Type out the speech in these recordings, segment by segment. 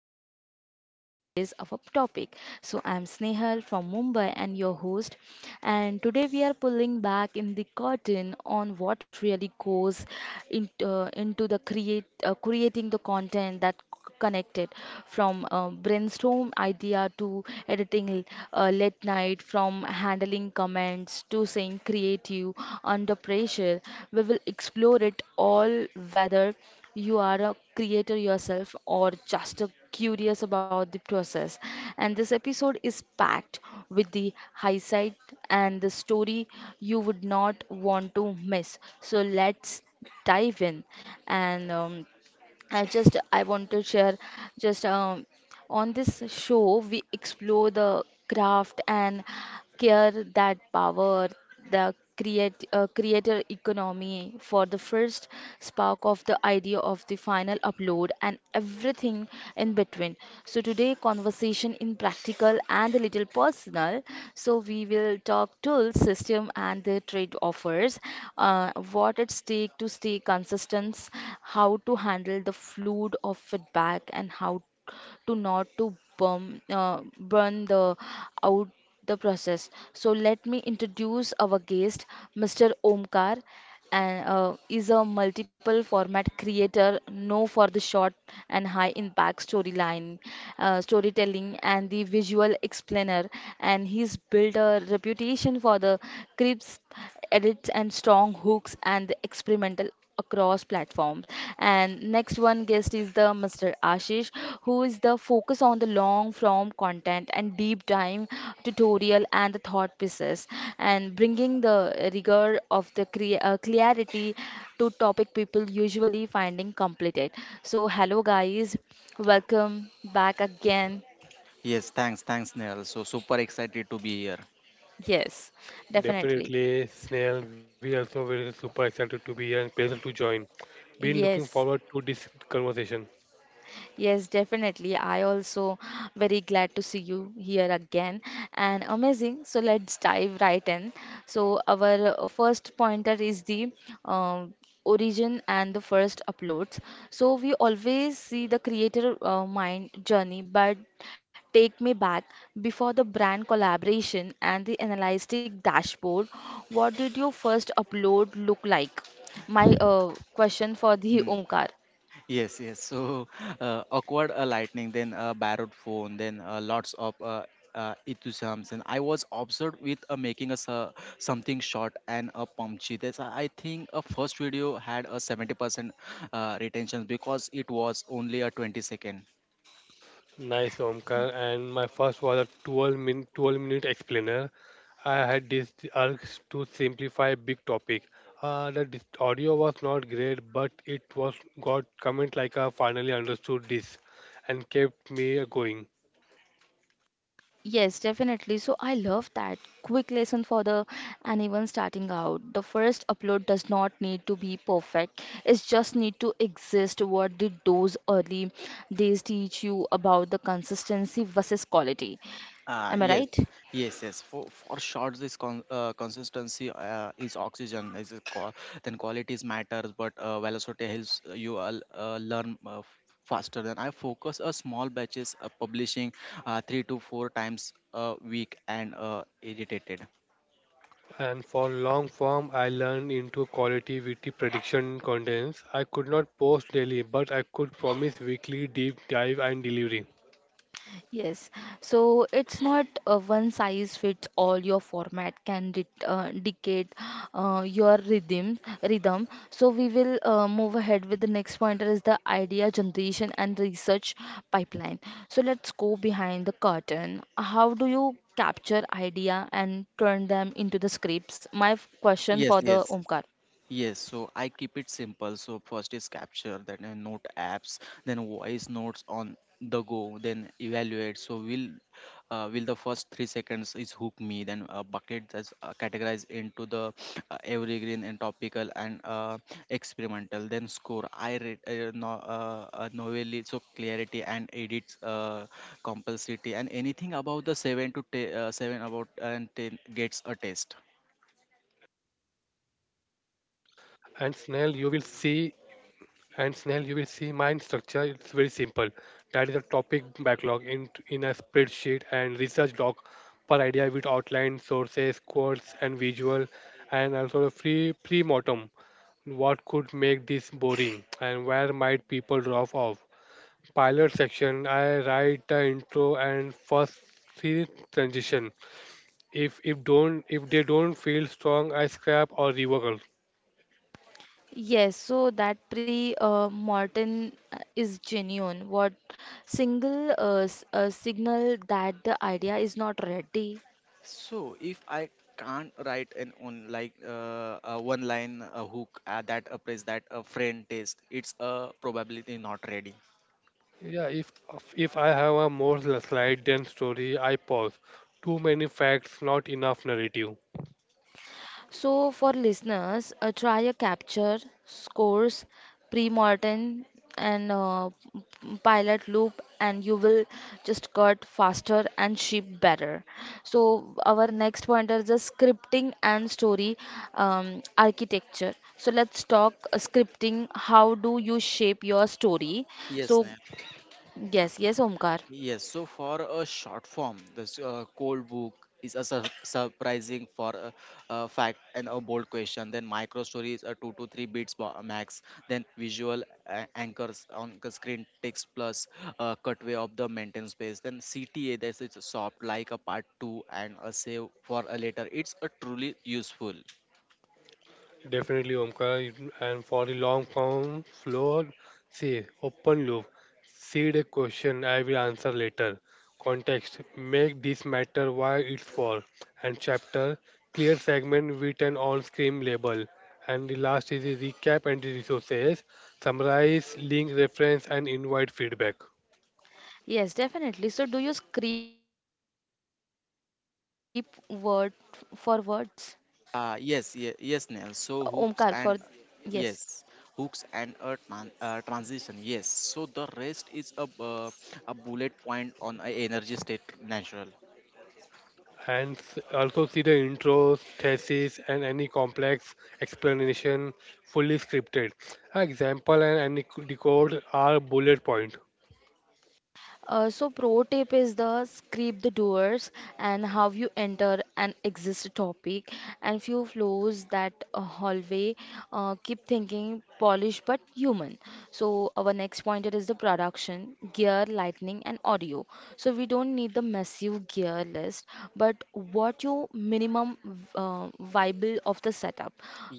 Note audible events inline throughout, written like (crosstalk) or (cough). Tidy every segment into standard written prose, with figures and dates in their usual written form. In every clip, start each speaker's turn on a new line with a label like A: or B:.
A: of Content Creator. Today's our topic. So I'm Snehal from Mumbai and your host. And today we are pulling back in the curtain on what really goes into the create creating the content that connected from brainstorm idea to editing late night, from handling comments to saying creative under pressure. We will explore it all. Whether you are a creator yourself or just a curious about the process, and this episode is packed with the high side and the story you would not want to miss. So let's dive in. And I just I want to share just on this show, we explore the craft and care that power the creator economy for the first spark of the idea of the final upload and everything in between. So today, conversation in practical and a little personal. So we will talk tools, system, and the trade offers. What at stake to stay consistent, how to handle the flood of feedback, and how to not to burn the out the process. So let me introduce our guest, Mr. Omkar, and is a multiple format creator, known for the short and high impact storytelling, and the visual explainer. And he's built a reputation for the crisp edits and strong hooks and the experimental across platforms. And next one guest is the Mr. Ashish, who is the focus on the long form content and deep dive tutorial and the thought pieces, and bringing the rigor of the clarity to topic people usually finding completed. So hello guys, welcome back again.
B: Yes, thanks, Neil. So super excited to be here.
A: Yes, definitely.
C: Definitely, Snail. We also very super excited to be here and pleasure to join. Been looking
A: Yes.
C: forward to this conversation.
A: Yes, definitely. I also (gasps) very glad to see you here again and amazing. So let's dive right in. So our first pointer is the um, origin and the first uploads. So we always see the creator mind journey, but take me back before the brand collaboration and the analytic dashboard. What did your first upload look like? My question for the (laughs)
B: Mm,
A: Omkar.
B: yes, yes. So awkward lightning, then a borrowed phone, then lots of enthusiasms. And I was obsessed with making us something short and punchy. That's I think a first video had a 70% retention because it was only a 20 second.
C: Nice, Omkar. And my first was a 12 minute explainer. I had this urge to simplify big topic. The audio was not great, but it was got comment like I finally understood this and kept me going.
A: Yes, definitely. So I love that. Quick lesson for the anyone starting out. The first upload does not need to be perfect. It just need to exist. What did those early days teach you about the consistency versus quality?
B: Ah,
A: Am I
B: yes,
A: right?
B: yes, yes. For short, this consistency is oxygen. Is a qua then qualities matters, but velocity helps you learn faster. Then I focus a small batches publishing three to four times a week and edited.
C: And for long form, I learned into quality with the prediction contents. I could not post daily, but I could promise weekly deep dive and delivery.
A: Yes, so it's not a one size fits all. Your format can di dictate your rhythm. So we will move ahead with the next pointer is the idea generation and research pipeline. So let's go behind the curtain. How do you capture idea and turn them into the scripts? My question
B: Yes,
A: for the
B: yes,
A: Omkar.
B: Yes, so I keep it simple. So first is capture, then note apps, then voice notes on the go, then evaluate. So will the first 3 seconds is hook me, then a bucket that's categorized into the evergreen and topical and experimental. Then score. I read no, novelly, so clarity and edits compulsity and anything about the seven about and ten gets a test.
C: And Snail, you will see, and Snail, you will see mine structure. It's very simple. That is a topic backlog in a spreadsheet and research doc per idea with outline, sources, quotes, and visual, and also a free pre-mortem. What could make this boring, and where might people drop off? Pilot section, I write the intro and first three transition. If they don't feel strong, I scrap or revocal.
A: Yes, so that pre mortem is genuine. What single signal that the idea is not ready?
B: So if I can't write an on like a one line a hook that appraise that a friend taste, it's probably not ready.
C: Yeah, if I have a more slide than story, I pause. Too many facts, not enough narrative.
A: So, for listeners, try a capture, scores, pre-mortem, and pilot loop, and you will just cut faster and ship better. So, our next point is the scripting and story architecture. So, let's talk scripting. How do you shape your story?
B: Yes,
A: So,
B: Neha.
A: yes, yes, Omkar.
B: Yes, so for a short form, this cold book is a surprising for a fact and a bold question. Then micro stories are two to three beats max. Then visual anchors on the screen text plus cutaway of the maintain space. Then CTA, this is soft like a part two and a save for a later. It's a truly useful.
C: Definitely, Omkar. And for the long form floor, say open loop. See the question, I will answer later. Context, make this matter why it's for. And chapter, clear segment with an on-screen label. And the last is the recap and the resources. Summarize, link, reference, and invite feedback.
A: Yes, definitely. So, do you script word for words? Omkar,
B: Yes,
A: for
B: yes, yes, Neil.
A: yes.
B: So hooks and yes, hooks and a transition. Yes. So the rest is a bullet point on a energy state natural.
C: And also see the intros, thesis, and any complex explanation fully scripted. An example and any decode are bullet point.
A: So, pro tip is the script the doors and how you enter and exit a topic, and few flows that hallway. Keep thinking polished but human. So, our next pointer is the production, gear, lightning, and audio. So, we don't need the massive gear list, but what you minimum viable of the setup.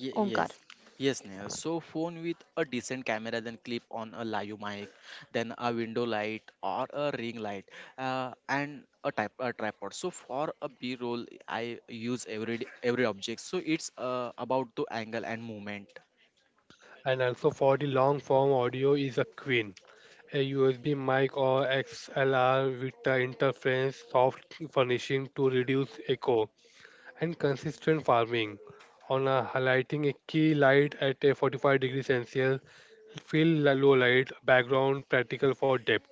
B: Ye
A: Omkar.
B: Yes, yes, Neil. So phone with a decent camera, then clip on a live mic, then a window light or a ring light, and a type a tripod. So for a B roll, I use every object. So it's about the angle and movement.
C: And also for the long form audio is a queen, a USB mic or XLR with the interference soft furnishing to reduce echo and consistent farming. On a highlighting a key light at a 45-degree Celsius, fill low light background practical for depth.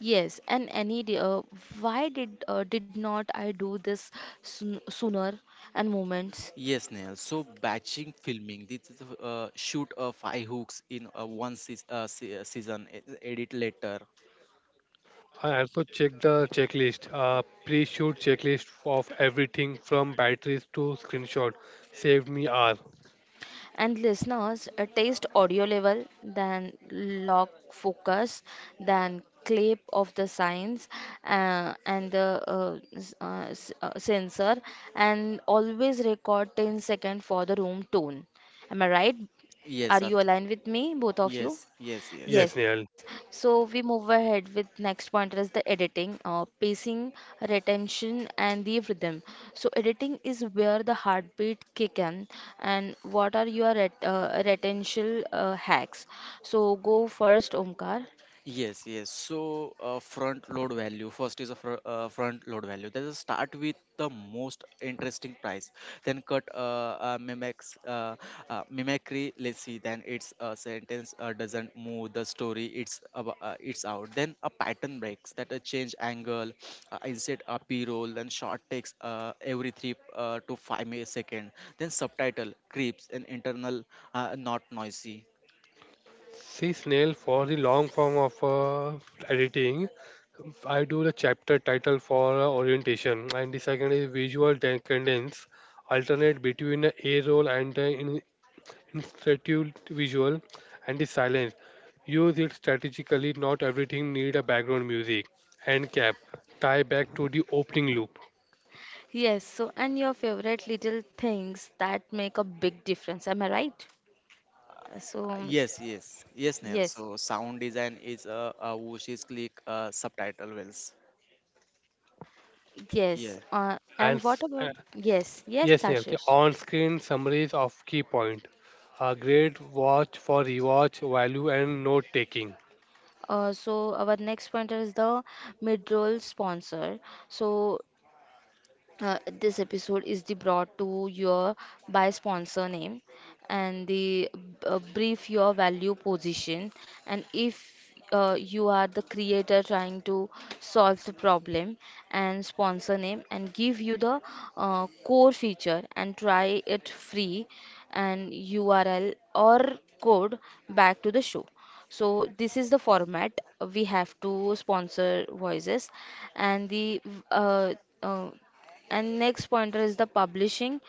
A: Yes, and any day, why did not I do this sooner and moments?
B: Yes, Neil. So batching filming, this is shoot five hooks in one season, edit later.
C: I also check the checklist, pre-shoot checklist of everything from batteries to screenshot. Saved me hours.
A: And listeners, taste audio level, then log focus, then clip of the signs, and the sensor, and always record 10 second for the room tone. Am I right?
B: Yes,
A: Are you aligned with me, both of you?
B: yes, yes, yes.
C: Yes,
A: Yes,
C: Snail.
A: so we move ahead with next pointer is the editing, pacing, retention, and the rhythm. So editing is where the heartbeat kick in, and what are your retention hacks? So go first, Omkar.
B: Yes, yes. So, front load value. First is a front load value. That is start with the most interesting price, then cut mimics mimicry. Let's see. Then it's a sentence doesn't move the story. It's it's out. Then a pattern breaks. That a change angle, insert a p roll, then short takes every three to five second. Then subtitle creeps and internal not noisy.
C: See, Snail, for the long form of editing, I do the chapter title for orientation, and the second is visual cadence, alternate between the A roll and the institute visual, and the silence. Use it strategically. Not everything need a background music. End cap. Tie back to the opening loop.
A: Yes, so and your favorite little things that make a big difference. Am I right? So
B: Yes, yes, yes, Neil.
A: yes,
B: So sound design is a Wushi's click subtitle wells.
A: yes,
B: Yeah.
C: And
A: and what
C: s-
A: about
C: uh,
A: yes, yes,
C: yes, Neil, the
A: Ashish.
C: on-screen summaries of key point. A great watch for rewatch value and note-taking.
A: So our next pointer is the mid-roll sponsor. So this episode is the brought to your by sponsor name and the brief your value position, and if you are the creator trying to solve the problem and sponsor name and give you the core feature and try it free and URL or code back to the show. So this is the format we have to sponsor voices and the uh, uh, and next pointer is the publishing,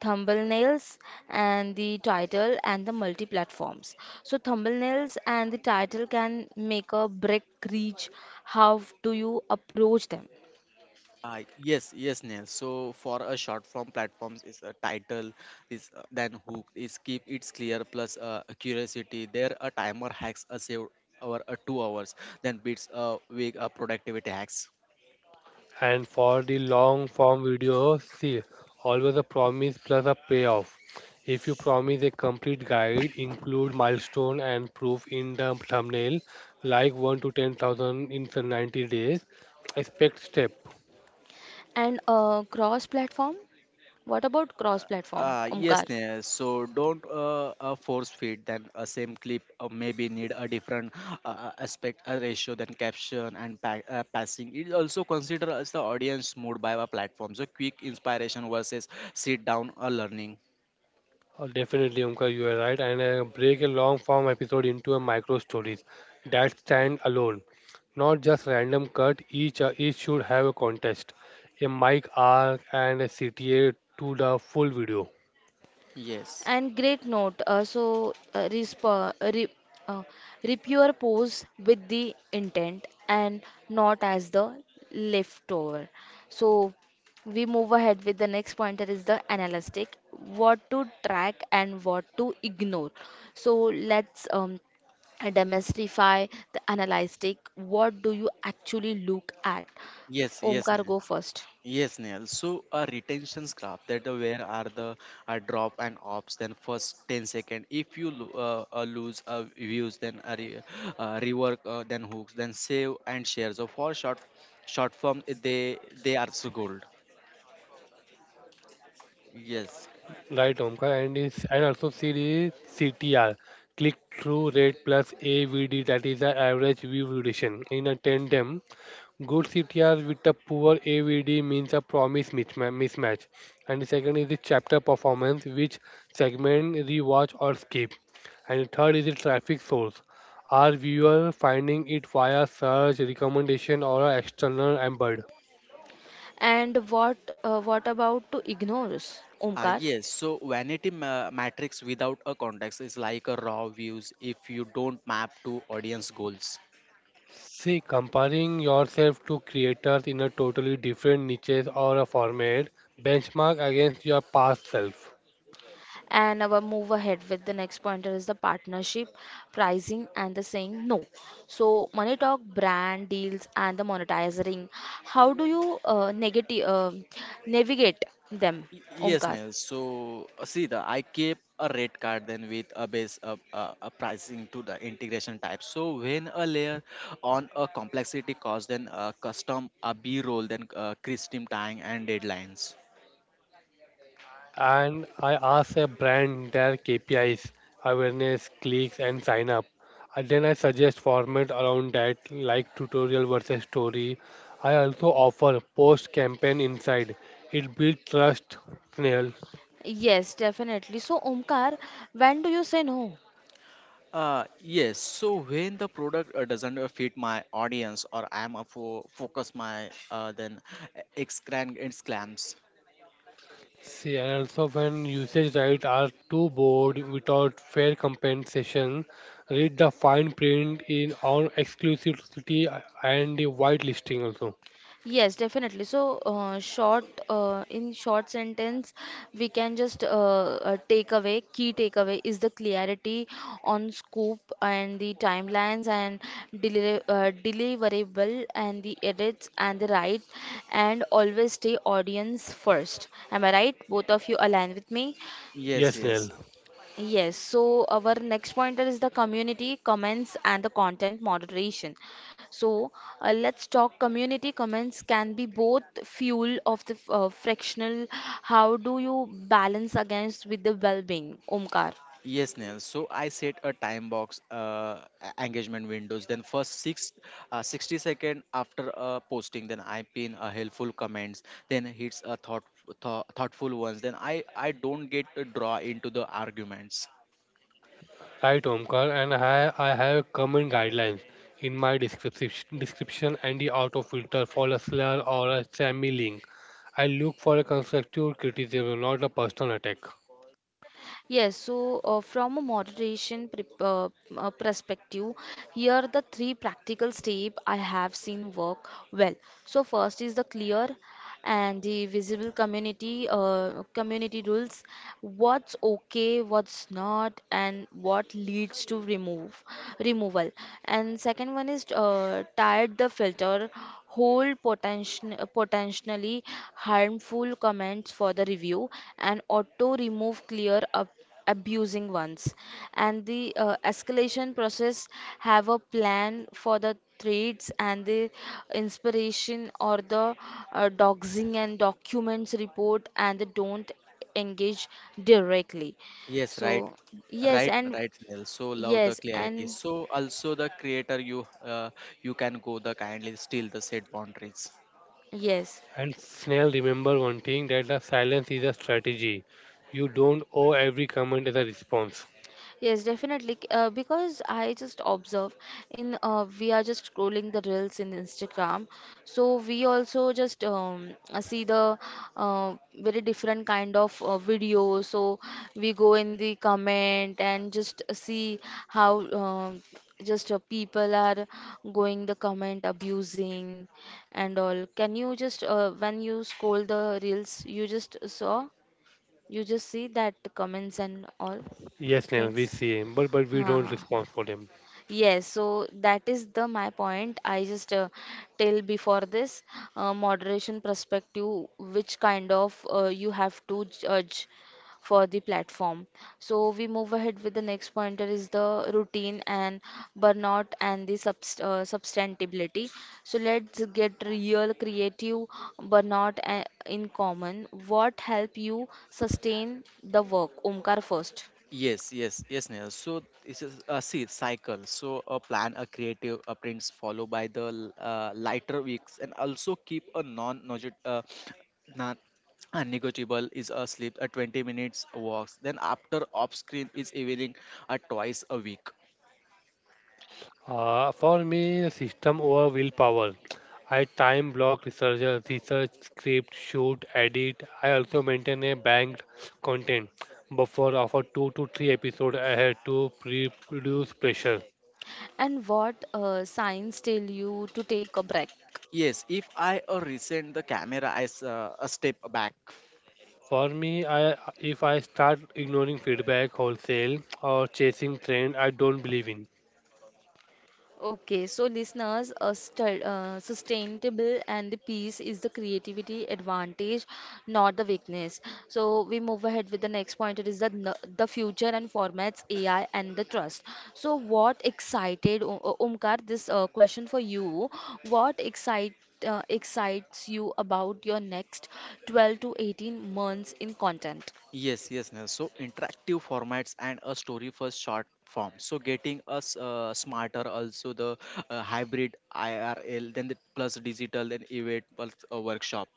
A: thumbnails, and the title and the multi platforms. So thumbnails and the title can make a break reach. How do you approach them?
B: Yes, yes, Neil. So for a short form platforms is a title is then hook is keep it's clear plus curiosity. There a timer hacks a save over a 2 hours then beats a week a productivity hacks.
C: And for the long-form video, see, always a promise plus a payoff. If you promise a complete guide, include milestone and proof in the thumbnail, like 1 to 10,000 in the 90 days, expect step.
A: And cross platform. What about cross platform,
B: Yes,
A: Omkar?
B: Neha. So don't force feed then a same clip maybe need a different aspect ratio than caption and pa passing. It also consider as the audience mood by a platform. So quick inspiration versus sit down or learning.
C: Oh, definitely, Umka, you are right. And break a long form episode into a micro stories that stand alone, not just random cut. Each should have a contest, a mic arc, and a CTA to the full video.
B: Yes.
A: And great note. So resp re uh, Rip your pose with the intent and not as the leftover. So we move ahead with the next pointer is the analytic. What to track and what to ignore. So let's demystify the analytic. What do you actually look at?
B: Yes, yes,
A: Omkar,
B: Neha.
A: go first.
B: Yes, Neil. So a retention's graph that where are the drop and ops, then first 10 second. If you lose views, then rework, then hooks, then save and share. So for short form, they are so gold. Yes.
C: Right, Omkar, and also series CTR, click through rate plus AVD. That is the average view duration in a tandem. Good CTR with a poor AVD means a promise mismatch. And the second is the chapter performance, which segment rewatch or skip. And the third is the traffic source. Are viewer finding it via search, recommendation, or a external embed?
A: And what about to ignore? Omkar?
B: Yes, so vanity matrix without a context is like a raw views if you don't map to audience goals.
C: See, comparing yourself to creators in a totally different niches or a format, benchmark against your past self.
A: And our move ahead with the next pointer is the partnership pricing and the saying no. So money talk brand deals and the monetizing, how do you navigate them,
B: Y- Yes,
A: Omkar?
B: Neil. So see, the I keep a rate card then with a base of a pricing to the integration type. So when a layer on a complexity cost, then a custom a B roll, then custom tying and deadlines.
C: And I ask a brand their KPIs, awareness, clicks, and sign up. And then I suggest format around that, like tutorial versus story. I also offer post campaign insight. It builds trust, Snail.
A: Yes, definitely. So Omkar, when do you say no?
B: Yes. So when the product doesn't fit my audience or I'm a focus my then exclam exclams.
C: See, and also when usage rights are too bored without fair compensation, read the fine print in on exclusivity and the white listing also.
A: Yes, definitely. So, in short sentence, we can just take away, key takeaway is the clarity on scope and the timelines and deliverable and the edits and the right, and always stay audience first. Am I right? Both of you align with me?
B: Yes,
C: Yes,
B: yes.
C: Snail.
A: Yes, so our next pointer is the community comments and the content moderation. So let's talk community comments can be both fuel of the frictional. How do you balance against with the well-being, Omkar?
B: Yes, Neil. So I set a time box engagement windows. Then first 60 second after posting, then I pin a helpful comments. Then hits a thoughtful ones. Then I don't get to draw into the arguments.
C: Right, Omkar, and I have common guidelines in my description and the auto filter for a slur or a spammy link. I look for a constructive criticism, not a personal attack.
A: Yes, so from a moderation perspective, here are the three practical steps I have seen work well. So first is the clear and the visible community rules, what's okay, what's not, and what leads to remove removal. And second one is tied the filter hold potentially harmful comments for the review and auto remove clear up abusing ones, and the escalation process have a plan for the threats and the inspiration or the doxing and documents report, and they don't engage directly.
B: Yes, right,
A: So yes,
B: right,
A: and
B: right, Neil. So love the
A: yes,
B: clarity.
A: and
B: So also the creator you can go the kindly still the set boundaries.
A: yes.
C: And Snell, remember one thing that the silence is a strategy. You don't owe every comment as a response.
A: Yes, definitely. Because I just observe in we are just scrolling the reels in Instagram, so we also just see the very different kind of videos. So we go in the comment and just see how just people are going the comment abusing and all. Can you just when you scroll the reels, you just saw, you just see that comments and all
C: Yes, Snell, we
A: things.
C: see, but we don't
A: Huh.
C: respond for them.
A: Yes, so that is the my point. I just tell before this moderation perspective, which kind of you have to judge for the platform. So we move ahead with the next pointer is the routine and burnout and the substantibility. So let's get real creative burnout in common. What help you sustain the work? Omkar first.
B: Yes, yes, yes, Neha. So this is a see cycle. So a plan, a creative, a prints followed by the lighter weeks, and also keep a non uh, non negotiable is a sleep, a 20 minutes walks. Then after off screen is evening, a twice a week.
C: For me, the system over willpower. I time block research, script, shoot, edit. I also maintain a banked content buffer of a two to three episode ahead to pre-produce pressure.
A: And what signs tell you to take a break?
B: Yes, if I resent the camera, I a step back.
C: For me, I if I start ignoring feedback wholesale or chasing trend I don't believe in.
A: Okay, so listeners, a sustainable and the peace is the creativity advantage, not the weakness. So we move ahead with the next point. It is the the future and formats AI and the trust. So what excited Omkar? This question for you. What excites you about your next 12 to 18 months in content?
B: Yes, yes, Nehal. So interactive formats and a story first short form. So getting us smarter, also the hybrid IRL, then the plus digital, then event plus a workshop.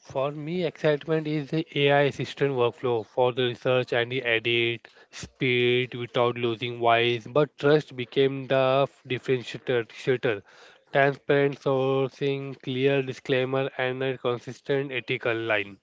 C: For me, excitement is the AI assistant workflow for the research and the edit speed without losing voice. But trust became the differentiator. Transparent sourcing, clear disclaimer, and a consistent ethical line.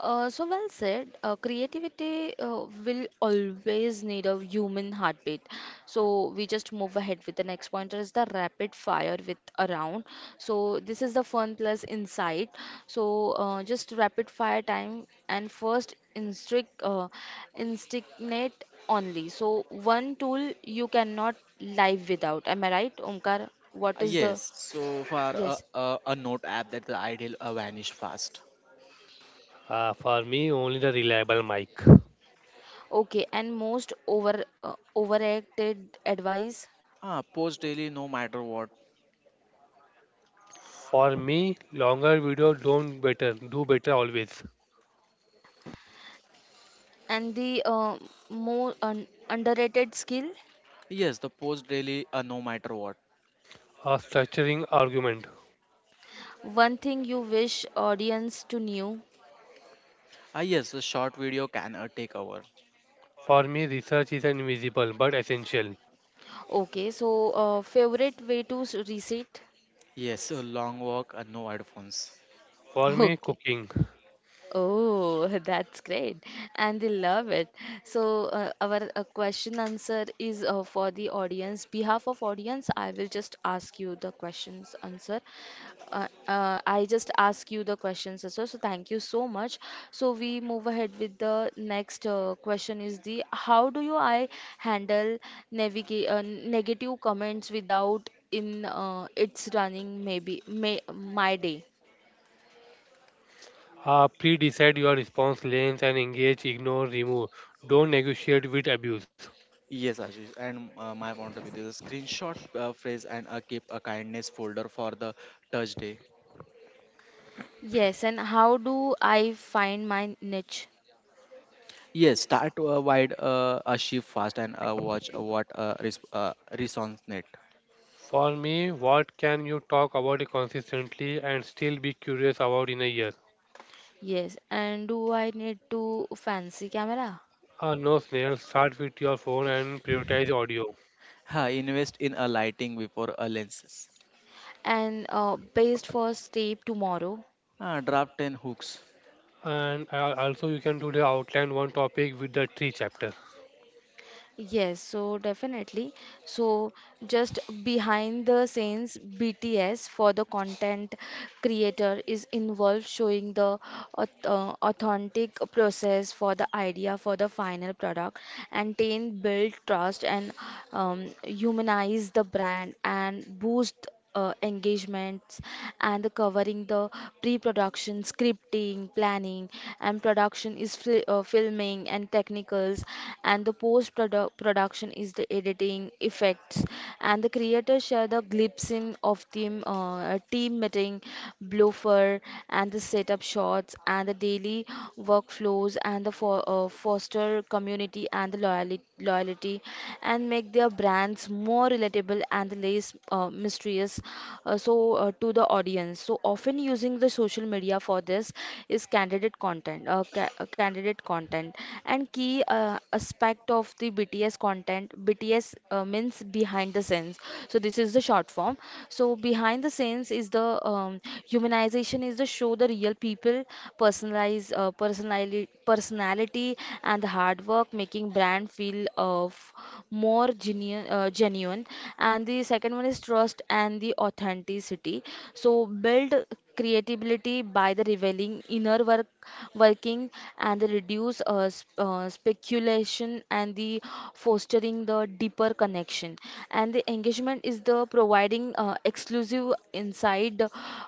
A: So well said. Creativity will always need a human heartbeat. So we just move ahead with the next pointer is the rapid fire with a round. So this is the fun plus insight. So just rapid fire time and first instinct instigate only. So one tool you cannot live without. Am I right, Omkar? What is the
B: Yes, so for
A: yes?
B: a note app that the ideal vanish fast.
C: For me, only the reliable mic.
A: Okay, and most overacted advice.
B: Ah, post daily no matter what.
C: For me, longer video don't better, do better always.
A: And the underrated skill,
B: Yes, the post daily no matter what.
C: A structuring argument.
A: one thing you wish audience to knew.
B: Ah, yes, the short video can take over.
C: For me, research is invisible but essential.
A: Okay, so favorite way to reset.
B: Yes, a long walk and no headphones.
C: For
A: (laughs)
C: me,
A: Okay.
C: cooking.
A: Oh, (laughs) that's great. And they love it. So our question answer is for the audience. Behalf of audience, I will just ask you the questions answer. I just ask you the questions answer. So thank you so much. So we move ahead with the next question is the how do you I handle navigate negative comments without in it's running my day?
C: Pre-decide your response lanes and engage, ignore, remove. Don't negotiate with abuse.
B: Yes, Ashish, and my point of view, there's a screenshot phrase and a keep a kindness folder for the touch day.
A: Yes, and how do I find my niche?
B: Yes, start to wide a shift fast and watch what resonates.
C: For me, what can you talk about it consistently and still be curious about in a year?
A: Yes, and do I need to fancy camera?
C: No, Snail, start with your phone and prioritize audio.
B: Ha, invest in a lighting before a lenses.
A: And based first tape tomorrow.
B: Ah, draft and hooks.
C: And also you can do the outline one topic with the three chapter.
A: Yes, so definitely. So just behind the scenes, BTS for the content creator is involved showing the authentic process for the idea for the final product, and then build trust and humanize the brand and boost engagements, and the covering the pre-production scripting planning, and production is filming and technicals, and the post production is the editing effects, and the creators share the glimpses of team meeting blooper and the setup shots and the daily workflows laws and the foster community and the loyalty, and make their brands more relatable and less mysterious, so to the audience, so often using the social media for this is candidate content, candidate content, and key aspect of the bts content, bts means behind the scenes, so this is the short form. So behind the scenes is the humanization, is the show the real people, personality, and the hard work making brand feel of more genuine. And the second one is trust and the authenticity, so build creativity by the revealing inner work working, and the reduce speculation and the fostering the deeper connection. And the engagement is the providing exclusive insight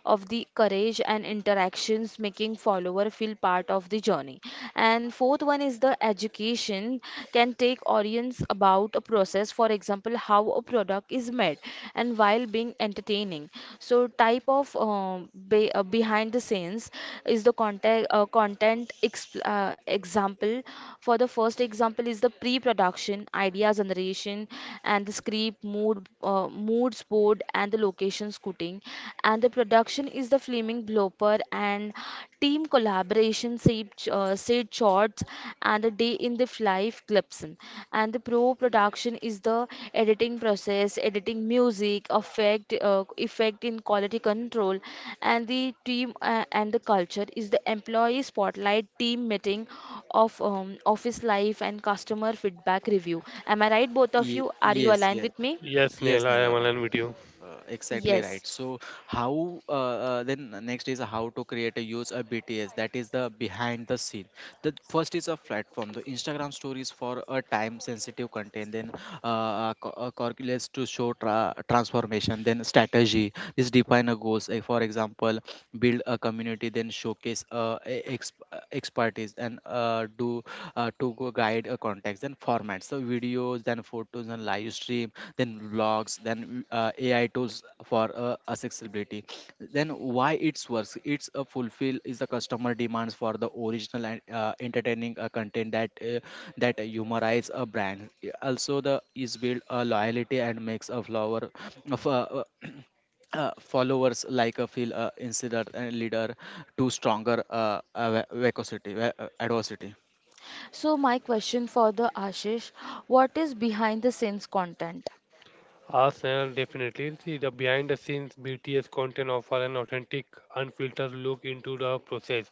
A: of the courage and interactions, making follower feel part of the journey. And fourth one is the education, can take audience about a process, for example, how a product is made, and while being entertaining. So type of behind the scenes is the content content exp example. For the first example is the pre-production, idea generation, and the script, moods board, and the location scouting, and the production is the flaming blooper and team collaboration, Sid Shorts, and the Day in the Life clips. And the pro production is the editing process, editing music, effect in quality control, and the team and the culture is the employee spotlight team meeting of office life and customer feedback review. Am I right, both of you? Are you
B: Yes,
A: aligned
B: yes,
A: with me?
C: Yes,
B: yes,
C: Snail, I am
B: Nela.
C: aligned with you.
B: Exactly
A: Yes.
B: right. So how then next is how to create a use a BTS that is the behind the scene. The first is a platform, the Instagram stories for a time sensitive content, then calculates to show transformation, then strategy is define a goals. Like for example, build a community, then showcase expertise and do to go guide contacts and formats so videos then photos and live stream then vlogs then ai tools for accessibility then why it's works it's a fulfill is the customer demands for the original and entertaining content that humorize a brand also the is build a loyalty and makes a flower of (clears throat) followers like a feel insider and leader to stronger ava- adversity.
A: So my question for the Ashish, what is behind the scenes content?
C: Arsenal, definitely. See, the behind the scenes BTS content offer an authentic, unfiltered look into the process,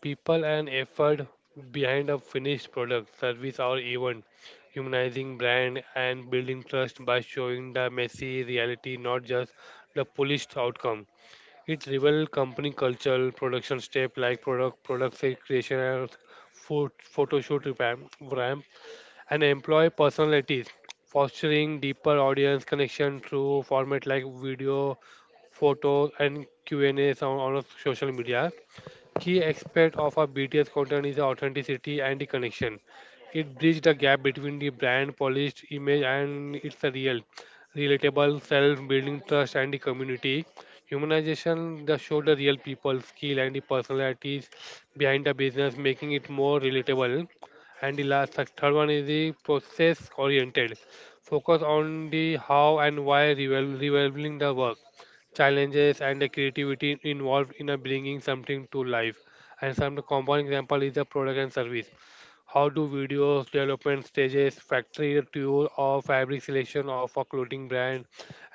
C: people, and effort behind a finished product, service, or event, humanizing brand and building trust by showing the messy reality, not just the polished outcome. It reveals company culture, production step like product creation, and photo shoot revamp, and employ personalities, fostering deeper audience connection through format like video, photos, and Q&A on social media. Key aspect of our BTS content is the authenticity and the connection. It bridges the gap between the brand polished image and its real, relatable self, building trust and the community. Humanization, the show the real people, skill and the personalities behind the business, making it more relatable. And the last, the third one is the process oriented. Focus on the how and why, revealing the work challenges and the creativity involved in a bringing something to life. And some common example is the product and service. How do videos, development stages, factory tour or fabric selection of a clothing brand,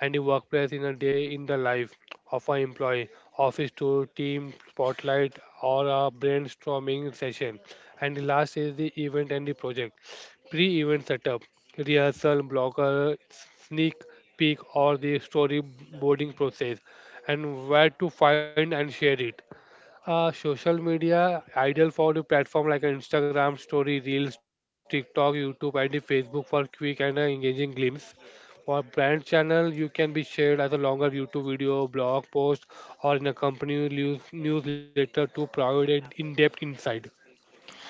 C: and the workplace, in a day in the life of an employee, office tour, team spotlight or a brainstorming session. And the last is the event and the project. Pre-event setup, rehearsal, blocker, sneak peek, or the storyboarding process, and where to find and share it. Social media, ideal for the platform like an Instagram story, Reels, TikTok, YouTube, and the Facebook for quick and engaging glimpse. For brand channel, you can be shared as a longer YouTube video, blog post, or in a company newsletter to provide an in-depth insight.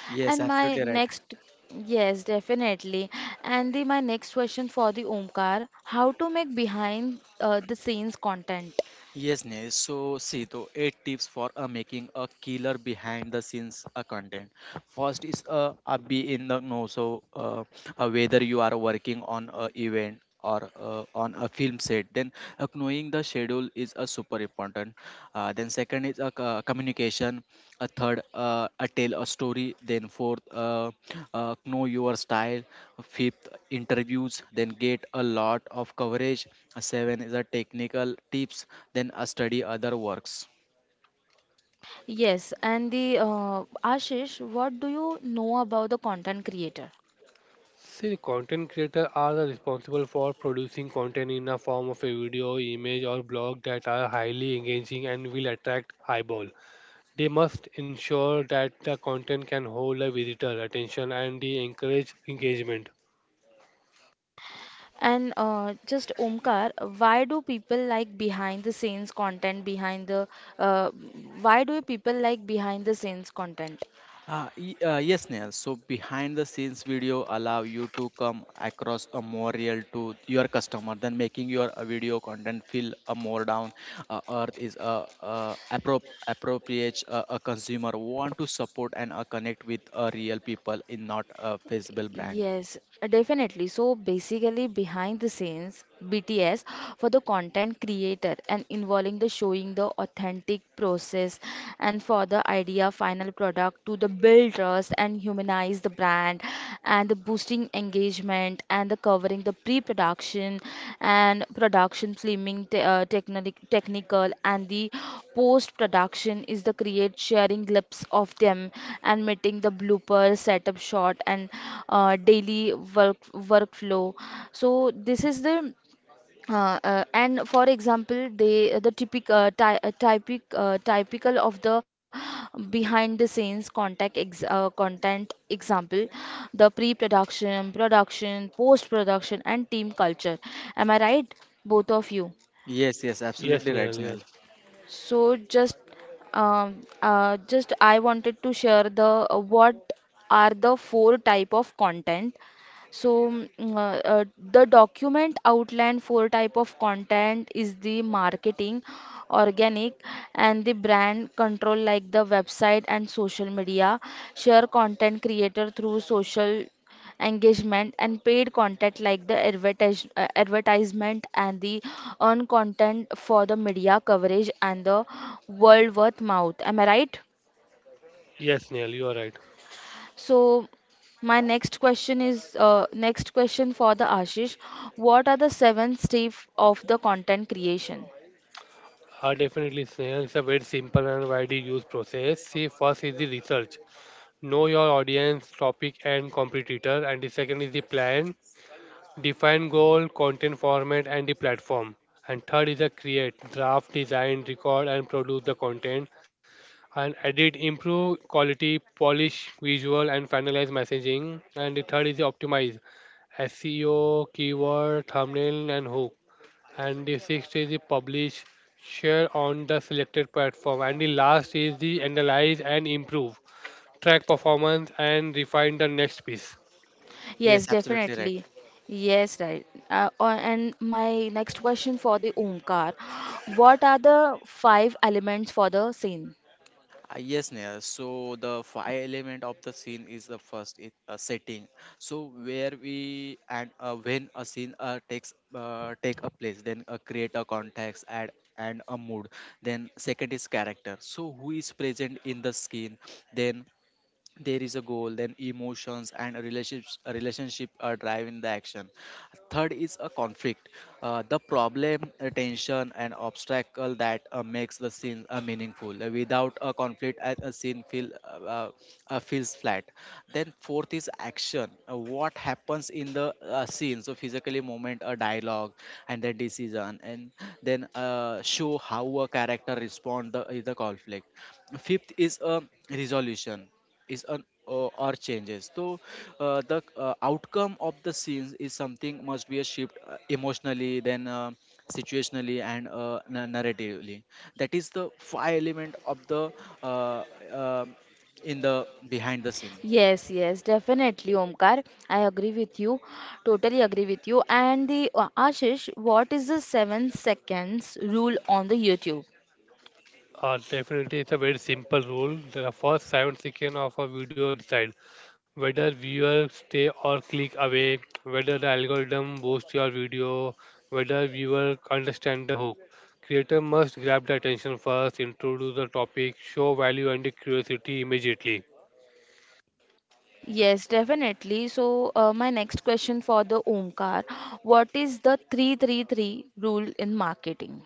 B: Yes,
A: And my
B: absolutely right.
A: next, yes, definitely. And the my next question for the Omkar, how to make behind the scenes content?
B: Yes, Neil. So, see, though, eight tips for making a killer behind the scenes content. First is be in the know. So, whether you are working on a event or on a film set, then knowing the schedule is a super important. Then second is a communication, a third a tell a story, then fourth know your style, fifth interviews, then get a lot of coverage. Seven is a technical tips, then a study other works.
A: Yes, and the Ashish, what do you know about the content creator?
C: See, content creators are the responsible for producing content in the form of a video, image, or blog that are highly engaging and will attract eyeball. They must ensure that the content can hold a visitor attention and they encourage engagement.
A: And just Omkar, why do people like behind the scenes content behind the uh, why do people like behind the scenes content?
B: Yes, Neil. So behind the scenes video allow you to come across a more real to your customer than making your video content feel more down earth is a appro- appropriate a consumer want to support and connect with real people in not a feasible brand.
A: Yes, definitely. So basically, behind the scenes, BTS for the content creator, and involving the showing the authentic process, and for the idea final product to the build trust and humanize the brand and the boosting engagement, and the covering the pre-production and production filming te- technic- technical, and the post-production is the create sharing clips of them and meeting the blooper setup shot and daily workflow. So this is the and for example, they the typical of the behind the scenes contact ex content example, the pre-production, production, post-production, and team culture. Am I right, both of you?
B: Yes, yes,
C: Yes,
B: absolutely right,
C: Neil.
B: Neil.
C: Yes,
A: So just I wanted to share the what are the four type of content. So uh, uh, the document outline four type of content is the marketing, organic, and the brand control like the website and social media. Share content creator through social engagement and paid content like the advertisement, and the earned content for the media coverage and the world worth mouth. Am I right?
C: yes, Neil. You are right.
A: So my next question is next question for the Ashish. What are the seven steps of the content creation?
C: Definitely, Snail. It's a very simple and widely used process. See, first is the research. Know your audience, topic, and competitor. And the second is the plan. Define goal, content format, and the platform. And third is a create, draft, design, record, and produce the content. And edit, improve quality, polish visual, and finalize messaging. And the third is the optimize, SEO, keyword, thumbnail, and hook. And the sixth is the publish, share on the selected platform. And the last is the analyze and improve, track performance, and refine the next piece.
A: Yes,
B: Yes, absolutely right.
A: definitely. Yes, right. And my next question for the Omkar. What are the five elements for the scene?
B: Yes, Neha. So the five element of the scene is the first setting. So where we and when a scene take a place, then create a context and a mood. Then second is character. So who is present in the scene? Then there is a goal, then emotions and relationships a relationship are driving the action. Third is a conflict, the problem, tension and obstacle that makes the scene meaningful. Without a conflict, a scene feels flat. Then fourth is action. What happens in the scene, so physically moment a dialogue and the decision, and then show how a character respond the conflict. Fifth is a resolution, is an or changes, so the outcome of the scenes is something must be a shift emotionally, then situationally and narratively. That is the five element of the uh, um in the behind the scene.
A: Yes, yes, definitely, Omkar. I agree with you. Totally agree with you. And the Ashish, what is the seven seconds rule on the YouTube?
C: Definitely, it's a very simple rule. The first 7 seconds of a video decide whether viewers stay or click away, whether the algorithm boosts your video, whether viewer understand the hook. Creator must grab the attention first, introduce the topic, show value and the curiosity immediately.
A: Yes, definitely. So, my next question for the Omkar, what is the 333 rule in marketing?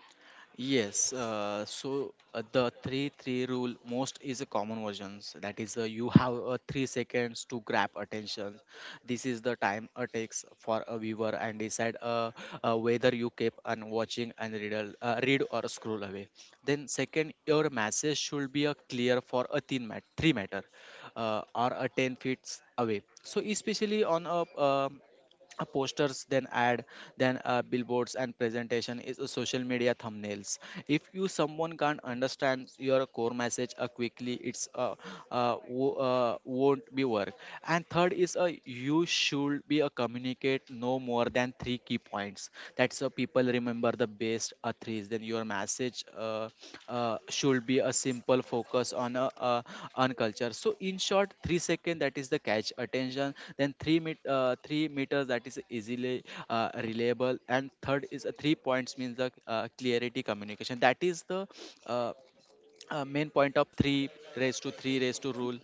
B: Yes, so the 3-3 rule most is a common versions. That is, you have 3 seconds to grab attention. This is the time it takes for a viewer and decide whether you keep on watching and read, read or scroll away. Then second, your message should be a clear for a thin mat 3 matter or a 10 feet away. So especially on a posters, then ad, then billboards and presentation is a social media thumbnails, if you someone can't understand your core message quickly it's won't be work. And third is you should be a communicate no more than three key points, that's people remember but the best athletes, then your message should be a simple focus on on culture. So in short, 3 second that is the catch attention, then 3 meters that is easily reliable, and third is a 3 points means the clarity communication, that is the uh, main point of 3 raised to rule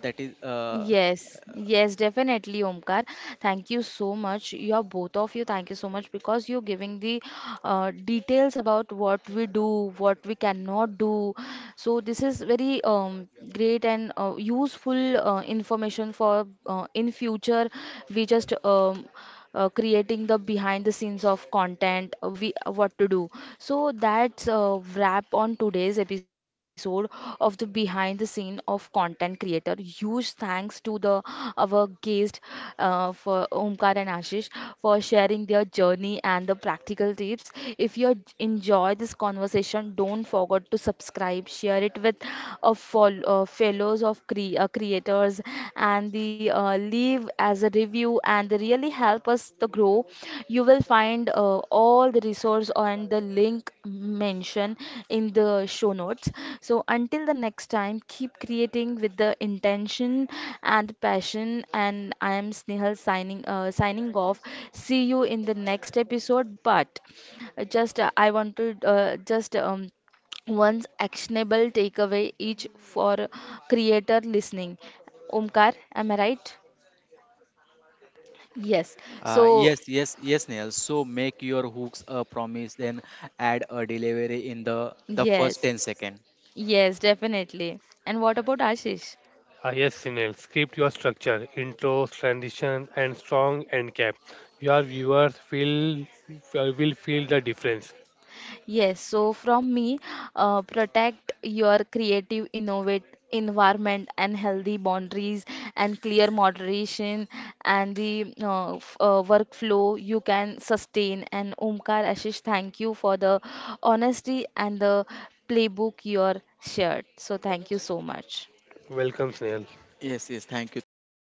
B: that is
A: Yes, yes, definitely, Omkar. Thank you so much. You're both of you. Thank you so much, because you're giving the details about what we do, what we cannot do. So this is very great and useful information for in future. We just creating the behind the scenes of content, we what to do. So that's a wrap on today's episode of the behind the scene of content creator. Huge thanks to the our guest for Omkar and Ashish for sharing their journey and the practical tips. If you enjoy this conversation, don't forget to subscribe, share it with a follow fellows of creators, and the leave as a review, and they really help us to grow. You will find all the resource on the link mentioned in the show notes. So until the next time, keep creating with the intention and passion. And I am Snehal signing off. See you in the next episode. But just I wanted just one's actionable takeaway each for creator listening. Omkar, am I right? Yes. So,
B: Yes, yes, yes, Neil. So make your hooks a promise, then add a delivery in the first
A: yes,
B: 10 second.
A: yes, definitely. And what about Ashish?
C: Ah, yes, Sinel, script your structure, intro, transition, and strong end cap. Your viewers feel will feel the difference.
A: Yes, so from me, protect your creative, innovate environment and healthy boundaries and clear moderation and the workflow you can sustain. And Omkar Ashish, thank you for the honesty and the playbook you are shared. So thank you so much.
C: Welcome, Sinel.
B: Yes, yes. Thank you so